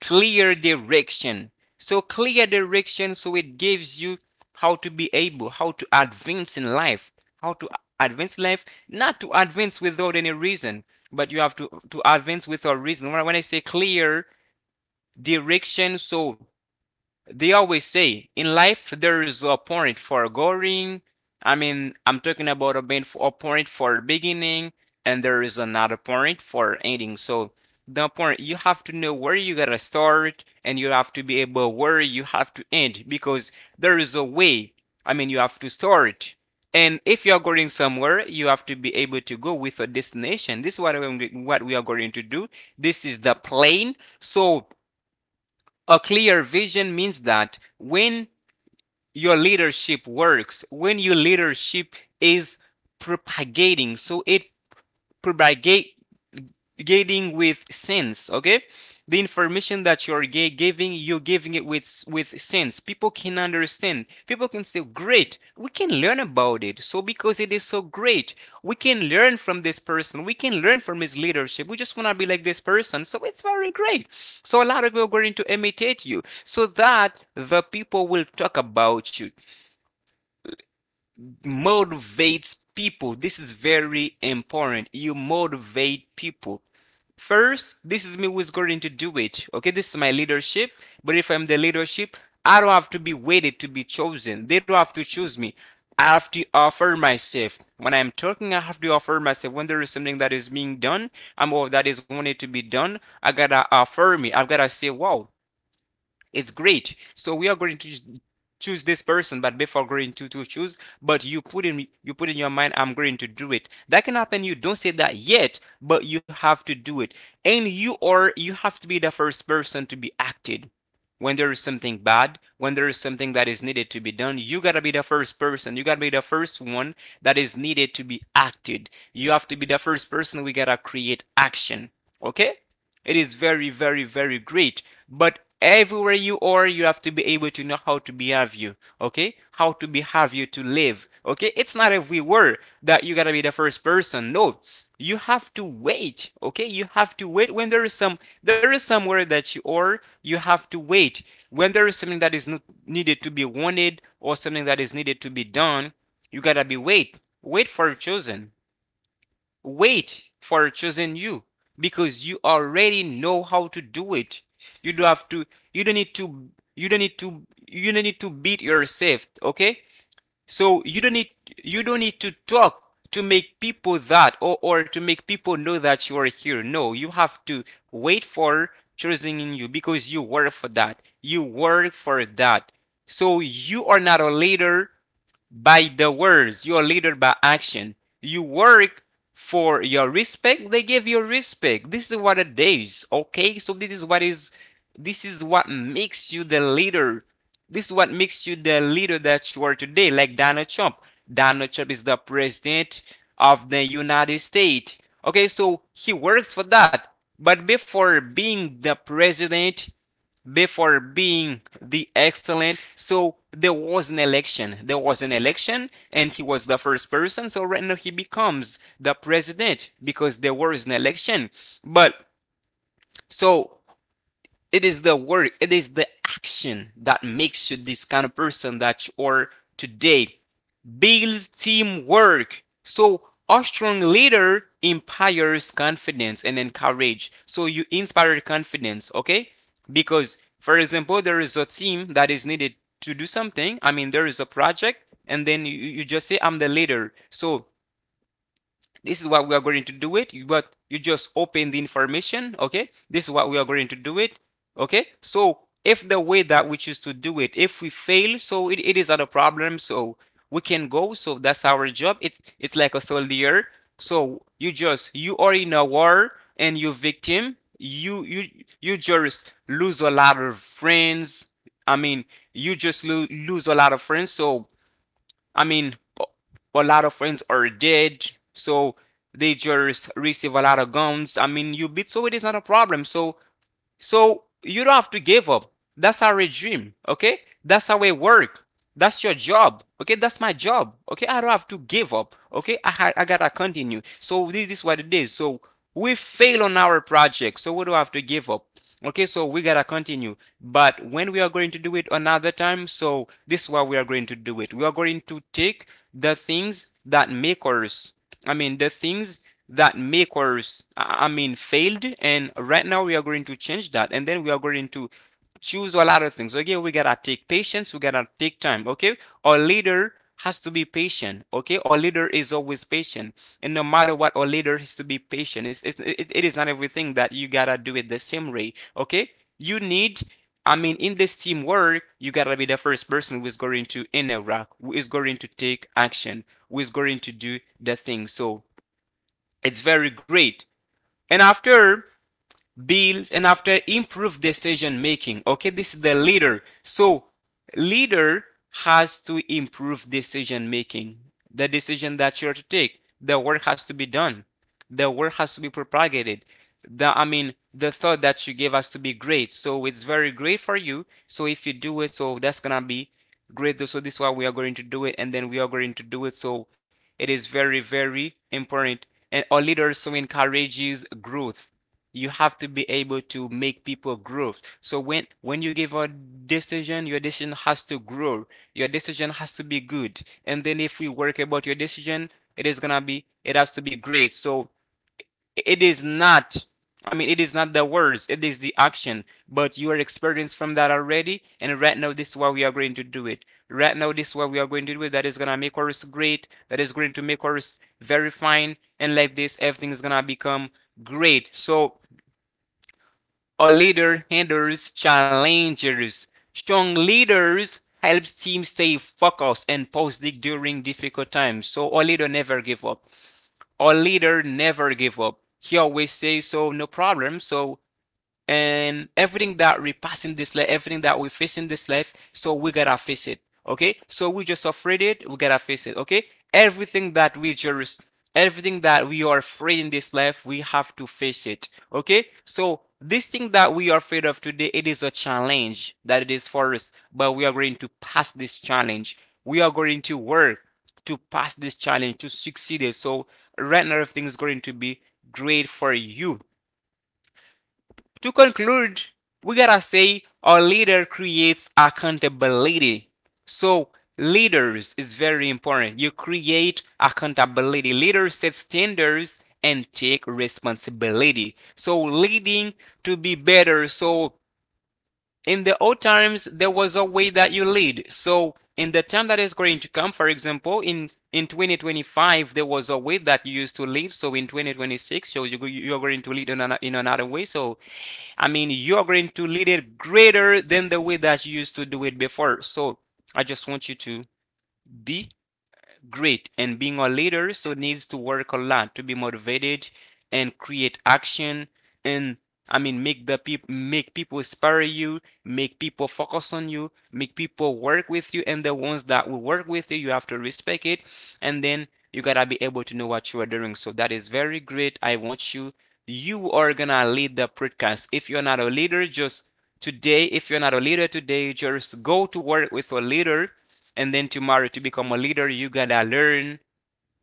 [SPEAKER 2] clear direction, so clear direction, so it gives you how to be able, how to advance in life, how to advance life, not to advance without any reason, but you have to advance with a reason. When say clear direction, so they always say in life there is a point for going. I'm talking about a point for beginning, and there is another point for ending. So the point, you have to know where you gotta start, and you have to be able where you have to end, because there is a way. I mean, you have to start. And if you are going somewhere, you have to be able to go with a destination. This is what we are going to do. This is the plane. So a clear vision means that when your leadership works, when your leadership is propagating, so it propagate getting with sense. Okay, the information that you're giving, you're giving it with sense. People can understand, people can say great, we can learn about it. So because it is so great, we can learn from this person, we can learn from his leadership. We just want to be like this person, so it's very great. So a lot of people are going to imitate you, so that the people will talk about you, motivates people. This is very important. You motivate people. First, this is me who's going to do it. Okay, this is my leadership. But if I'm the leadership, I don't have to be waited to be chosen. They don't have to choose me. I have to offer myself. When I'm talking, I have to offer myself. When there is something that is being done, I'm all that is wanted to be done. I gotta offer me. I've gotta say, wow, it's great. So we are going to choose this person, but before going to choose, but you put in your mind, I'm going to do it. That can happen. You don't say that yet, but you have to do it, and you have to be the first person to be acted. When there is something bad, when there is something that is needed to be done, you gotta be the first person. You gotta be the first one that is needed to be acted. You have to be the first person, we gotta create action. Okay? It is very, very, very great. But everywhere you are, you have to be able to know how to behave you. Okay? How to behave you to live. Okay? It's not everywhere that you gotta be the first person. No, you have to wait. Okay, you have to wait when there is some there is somewhere that you are, you have to wait. When there is something that is not needed to be wanted, or something that is needed to be done, you gotta be wait, wait for chosen, wait for chosen you, because you already know how to do it. You don't have to, you don't need to, you don't need to beat yourself. Okay, so you don't need, you don't need to talk to make people that or to make people know that you are here. No, you have to wait for choosing in you, because you work for that. You work for that. So you are not a leader by the words, you are leader by action. You work for your respect, they give you respect. This is what it is, okay? So this is what is, this is what makes you the leader. This is what makes you the leader that you are today, like Donald Trump. Donald Trump is the president of the United States. Okay, so he works for that. But before being the president, before being the excellent. So there was an election. There was an election, and he was the first person. So right now he becomes the president because there was an election. But so it is the work, it is the action that makes you this kind of person that you are today. Builds teamwork. So a strong leader inspires confidence and encourage. So you inspire confidence, okay? Because for example, there is a team that is needed to do something. I mean, there is a project, and then you just say, I'm the leader. So this is what we are going to do it, but you just open the information. Okay, this is what we are going to do it. Okay, so if the way that we choose to do it, if we fail, so it is not a problem. So we can go, so that's our job. It's like a soldier. So you are in a war, and you victim, you just lose a lot of friends. I mean, you just lose a lot of friends. So I mean, a lot of friends are dead, so they just receive a lot of guns. I mean, you beat, so it is not a problem. So so you don't have to give up. That's our regime, okay? That's how we work. That's your job, okay? That's my job, okay? I don't have to give up, okay? I gotta continue. So this is what it is. So we fail on our project, so we don't have to give up, okay? So we gotta continue. But when we are going to do it another time, so this is what we are going to do it. We are going to take the things that make us, the things that make us, failed. And right now we are going to change that. And then we are going to choose a lot of things. Okay, we gotta take patience. We gotta take time. Okay, our leader has to be patient. Okay, our leader is always patient. And no matter what, our leader has to be patient. It is not everything that you gotta do it the same way. Okay, you need, in this teamwork, you gotta be the first person who is going to interact, who is going to take action, who is going to do the thing. So it's very great. And after builds, and after improve decision making. Okay, this is the leader. So leader has to improve decision making. The decision that you're to take, the work has to be done. The work has to be propagated. The I mean, the thought that you gave us to be great. So it's very great for you. So if you do it, so that's gonna be great. So this is why we are going to do it, and then we are going to do it. So it is very, very important. And our leaders so encourages growth. You have to be able to make people grow. So when you give a decision, your decision has to grow. Your decision has to be good. And then if we work about your decision, it has to be great. So it is not, it is not the words, it is the action. But you are experienced from that already, and right now this is why we are going to do it. Right now this is what we are going to do, that is gonna make us great, that is going to make us very fine, and like this everything is gonna become great. So a leader handles challenges. Strong leaders helps teams stay focused and positive during difficult times. So a leader never give up. A leader never give up. He always says so, no problem. So and everything that we pass in this life, everything that we face in this life, so we gotta face it. Okay, so we just afraid it, we gotta face it. Okay, everything that we just, everything that we are afraid in this life, we have to face it. Okay, so this thing that we are afraid of today, it is a challenge that it is for us, but we are going to pass this challenge. We are going to work to pass this challenge to succeed it. So right now, everything is going to be great for you. To conclude, we gotta say our leader creates accountability. So leaders is very important. You create accountability. Leaders set standards and take responsibility. So leading to be better. So in the old times there was a way that you lead, so in the time that is going to come, for example, in 2025 there was a way that you used to lead, so in 2026, so you're going to lead in another way. So I mean you're going to lead it greater than the way that you used to do it before. So I just want you to be great. And being a leader so needs to work a lot to be motivated and create action, and make the people, make people inspire you, make people focus on you, make people work with you, and the ones that will work with you, you have to respect it. And then you gotta be able to know what you are doing. So that is very great. I want you. You are gonna lead the podcast. If you're not a leader, just Today, if you're not a leader today, just go to work with a leader. And then tomorrow, to become a leader, you gotta learn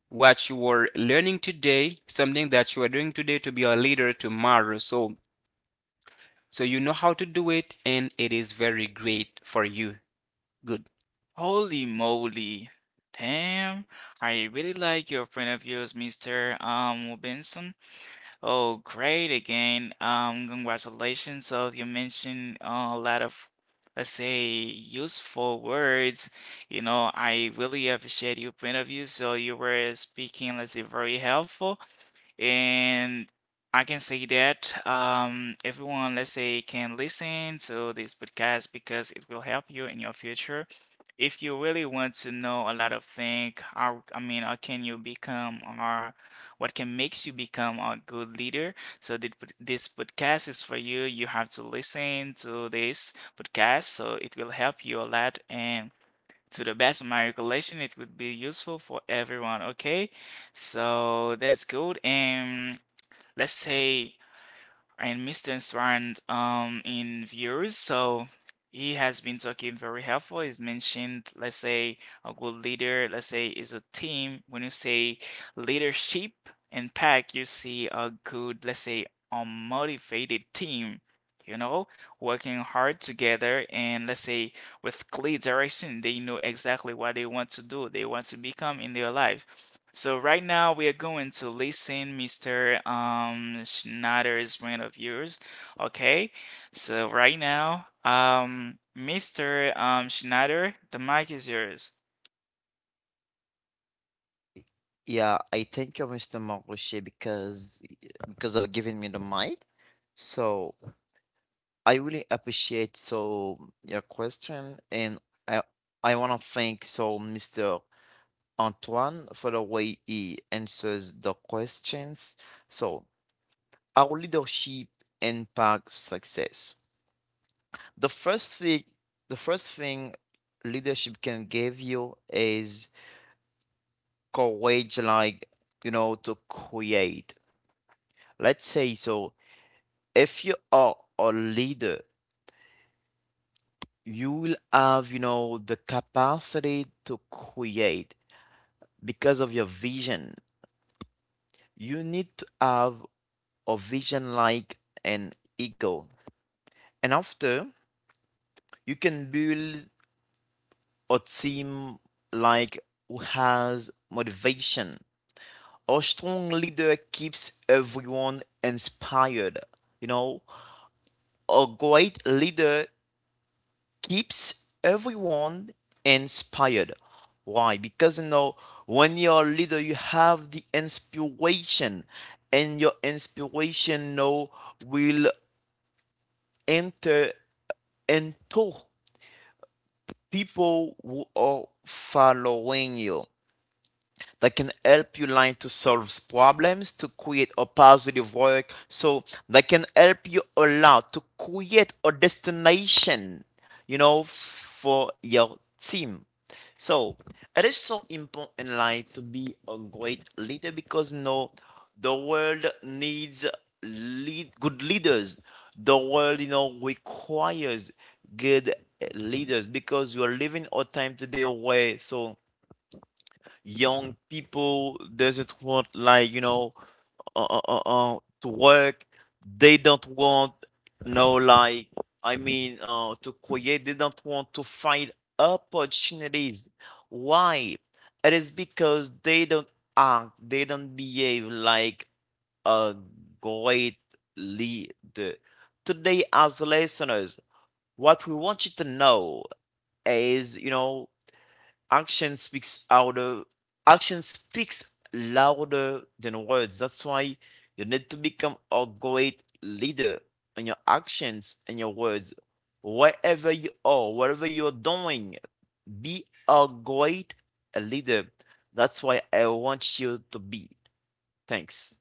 [SPEAKER 2] what you were learning today, something that you are doing today to be a leader tomorrow. So, so you know how to do it, and it is very great for you. Good.
[SPEAKER 1] Holy moly. Damn, I really like your friend of yours, Mr. Benson. Oh, great again. Congratulations. So you mentioned a lot of, let's say, useful words. You know, I really appreciate your point of view. So you were speaking, let's say, very helpful. And I can say that everyone, let's say, can listen to this podcast because it will help you in your future. If you really want to know a lot of things, how, I mean, how can you become, or what can makes you become a good leader? So this podcast is for you. You have to listen to this podcast, so it will help you a lot. And to the best of my recollection, it would be useful for everyone. Okay, so that's good. And let's say, and Mr. Strand in views, so he has been talking very helpful. He's mentioned, let's say, a good leader. Let's say is a team. When you say leadership and pack, you see a good, let's say, a motivated team. You know, working hard together and, let's say, with clear direction. They know exactly what they want to do, they want to become in their life. So right now we are going to listen Mr. Schneider's brand of yours. Okay? So right now, Mr. Schneider, the mic is yours.
[SPEAKER 3] Yeah, I thank you, Mr. Marushi, because of giving me the mic. So I really appreciate so your question, and I I want to thank so Mr. Antoine for the way he answers the questions. So our leadership impacts success. The first thing, the first thing, leadership can give you is courage, like, you know, to create. Let's say so, if you are a leader, you will have, you know, the capacity to create because of your vision. You need to have a vision like an eagle, and after you can build a team like who has motivation. A strong leader keeps everyone inspired. You know, a great leader keeps everyone inspired. Why? Because you know, when you're a leader, you have the inspiration, and your inspiration, you know, will enter into people who are following you, that can help you learn to solve problems, to create a positive work. So that can help you a lot to create a destination, you know, for your team. So it is so important in life to be a great leader because you know the world needs lead good leaders. The world, you know, requires good leaders because we are living a time today where so young people doesn't want, like you know, to work. They don't want no, like I mean, to create. They don't want to find opportunities. Why? It is because they don't act. They don't behave like a great leader. Today, as listeners, what we want you to know is, you know, action speaks louder action speaks louder than words. That's why you need to become a great leader in your actions and your words. Wherever you are, whatever you're doing, be a great leader. That's why I want you to be. Thanks.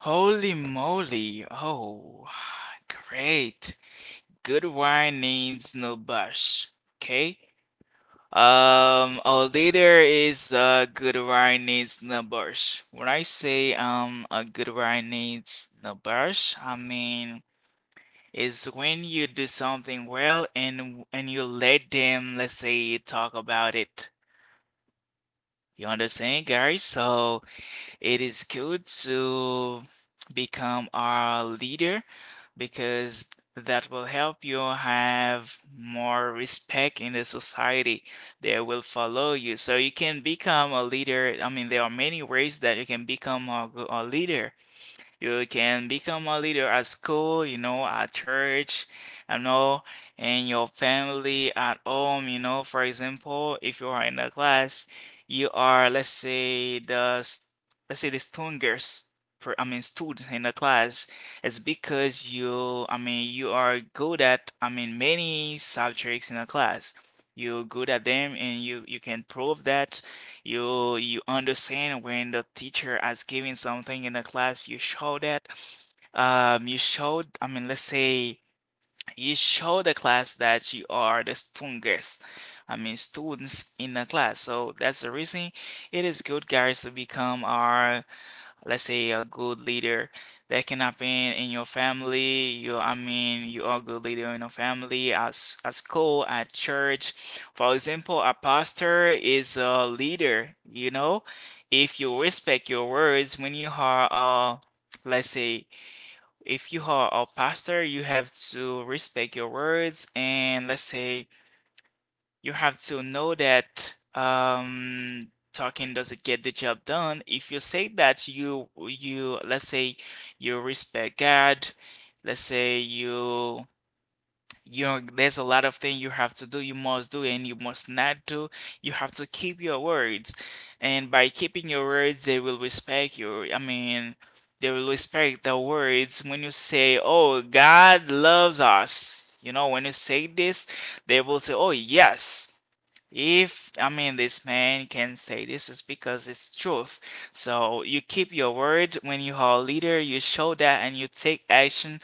[SPEAKER 1] Holy moly. Oh, great. Good wine needs no bush. Okay? Our leader is a good Guaranis Nabash. When I say a good Guaranis Nabash, I mean is when you do something well, and you let them, let's say, talk about it. You understand, guys? So it is good to become a leader, because that will help you have more respect in the society. They will follow you. So you can become a leader. I mean, there are many ways that you can become a leader. You can become a leader at school, you know, at church, you know, in your family, at home, you know. For example, if you are in a class, you are, let's say, the let's say the strongest, I mean, student in the class. It's because you, I mean, you are good at, I mean, many subjects in a class. You're good at them, and you can prove that you understand. When the teacher is giving something in the class, you show that you showed, I mean, let's say, you show the class that you are the strongest, I mean students in the class. So that's the reason it is good, guys, to become our, let's say, a good leader. That can happen in your family. You, I mean, you are a good leader in your family, as at school, at church. For example, a pastor is a leader, you know. If you respect your words when you are a, let's say, if you are a pastor, you have to respect your words. And, let's say, you have to know that, talking doesn't get the job done. If you say that you let's say you respect God, let's say you, you know, there's a lot of things you have to do, you must do and you must not do. You have to keep your words. And by keeping your words, they will respect you. I mean, they will respect the words when you say, "Oh, God loves us." You know, when you say this, they will say, "Oh, yes. If, I mean, this man can say this, is because it's truth." So you keep your word. When you are a leader, you show that, and you take action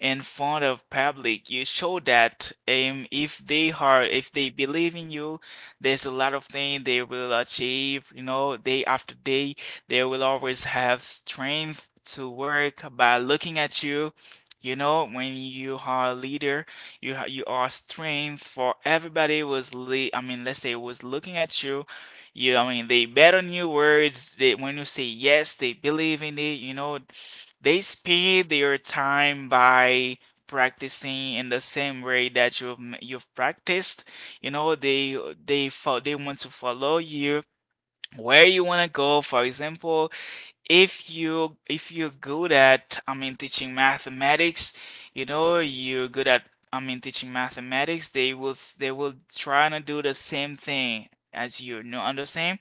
[SPEAKER 1] in front of public. You show that, if they are, if they believe in you, there's a lot of things they will achieve, you know, day after day. They will always have strength to work by looking at you. You know, when you are a leader, you you are strength for everybody was I mean, let's say, was looking at you. You, I mean, they bet on your words. They, when you say yes, they believe in it, you know. They speed their time by practicing in the same way that you've you've practiced. You know, they they want to follow you where you want to go. For example, if you, if you're good at, I mean, teaching mathematics, you know, you're good at, I mean, teaching mathematics, they will they will try to do the same thing as you. You know, understand?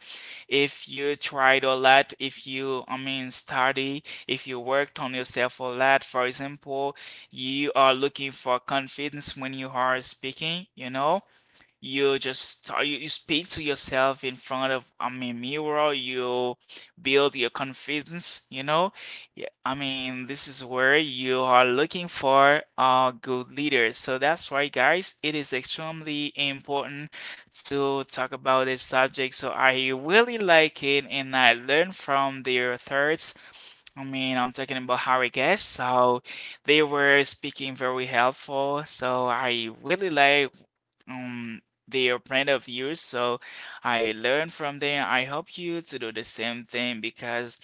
[SPEAKER 1] If you tried a lot, if you, I mean, study, if you worked on yourself a lot, for example, you are looking for confidence when you are speaking, you know? You just, you speak to yourself in front of, I mean, mirror. You build your confidence. You know, yeah, I mean, this is where you are looking for a good leader. So that's why, guys, it is extremely important to talk about this subject. So I really like it, and I learned from their thoughts. I mean, I'm talking about Harry Guest. So they were speaking very helpful. So I really like um their point of views. So I learn from them. I hope you to do the same thing, because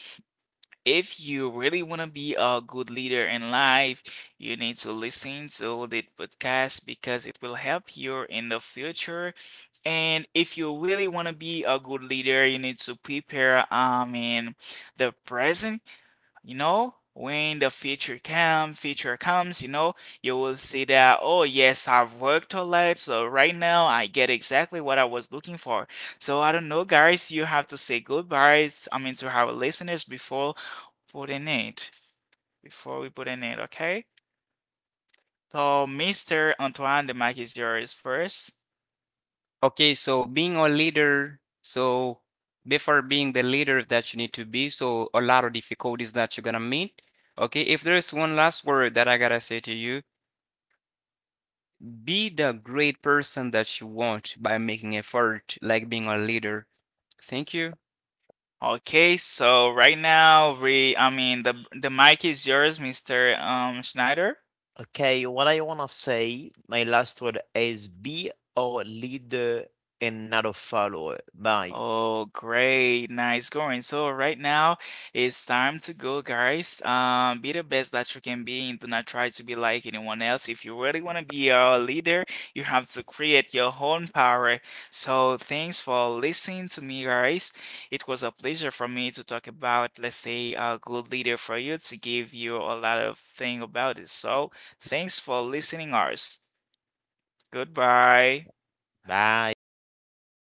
[SPEAKER 1] if you really want to be a good leader in life, you need to listen to the podcast, because it will help you in the future. And if you really want to be a good leader, you need to prepare, I mean, the present. You know, when the future come, future comes, you know, you will see that, oh yes, I've worked a lot, so right now I get exactly what I was looking for. So I don't know, guys, you have to say goodbyes, I mean, to our listeners before putting it, before we put in it. Okay, so Mr. Antoine, the mic is yours first.
[SPEAKER 2] Okay, so being a leader, so before being the leader that you need to be, so a lot of difficulties that you're gonna meet. Okay, if there's one last word that I gotta say to you, be the great person that you want by making effort, like being a leader. Thank you.
[SPEAKER 1] Okay, so right now we, I mean, the mic is yours, Mr. Schneider.
[SPEAKER 3] Okay, what I want to say my last word is, be a leader and not a follower. Bye.
[SPEAKER 1] Oh, great. Nice going. So right now it's time to go, guys. Be the best that you can be, and do not try to be like anyone else. If you really want to be a leader, you have to create your own power. So thanks for listening to me, guys. It was a pleasure for me to talk about, let's say, a good leader, for you, to give you a lot of thing about it. So thanks for listening, ours. Goodbye.
[SPEAKER 3] Bye.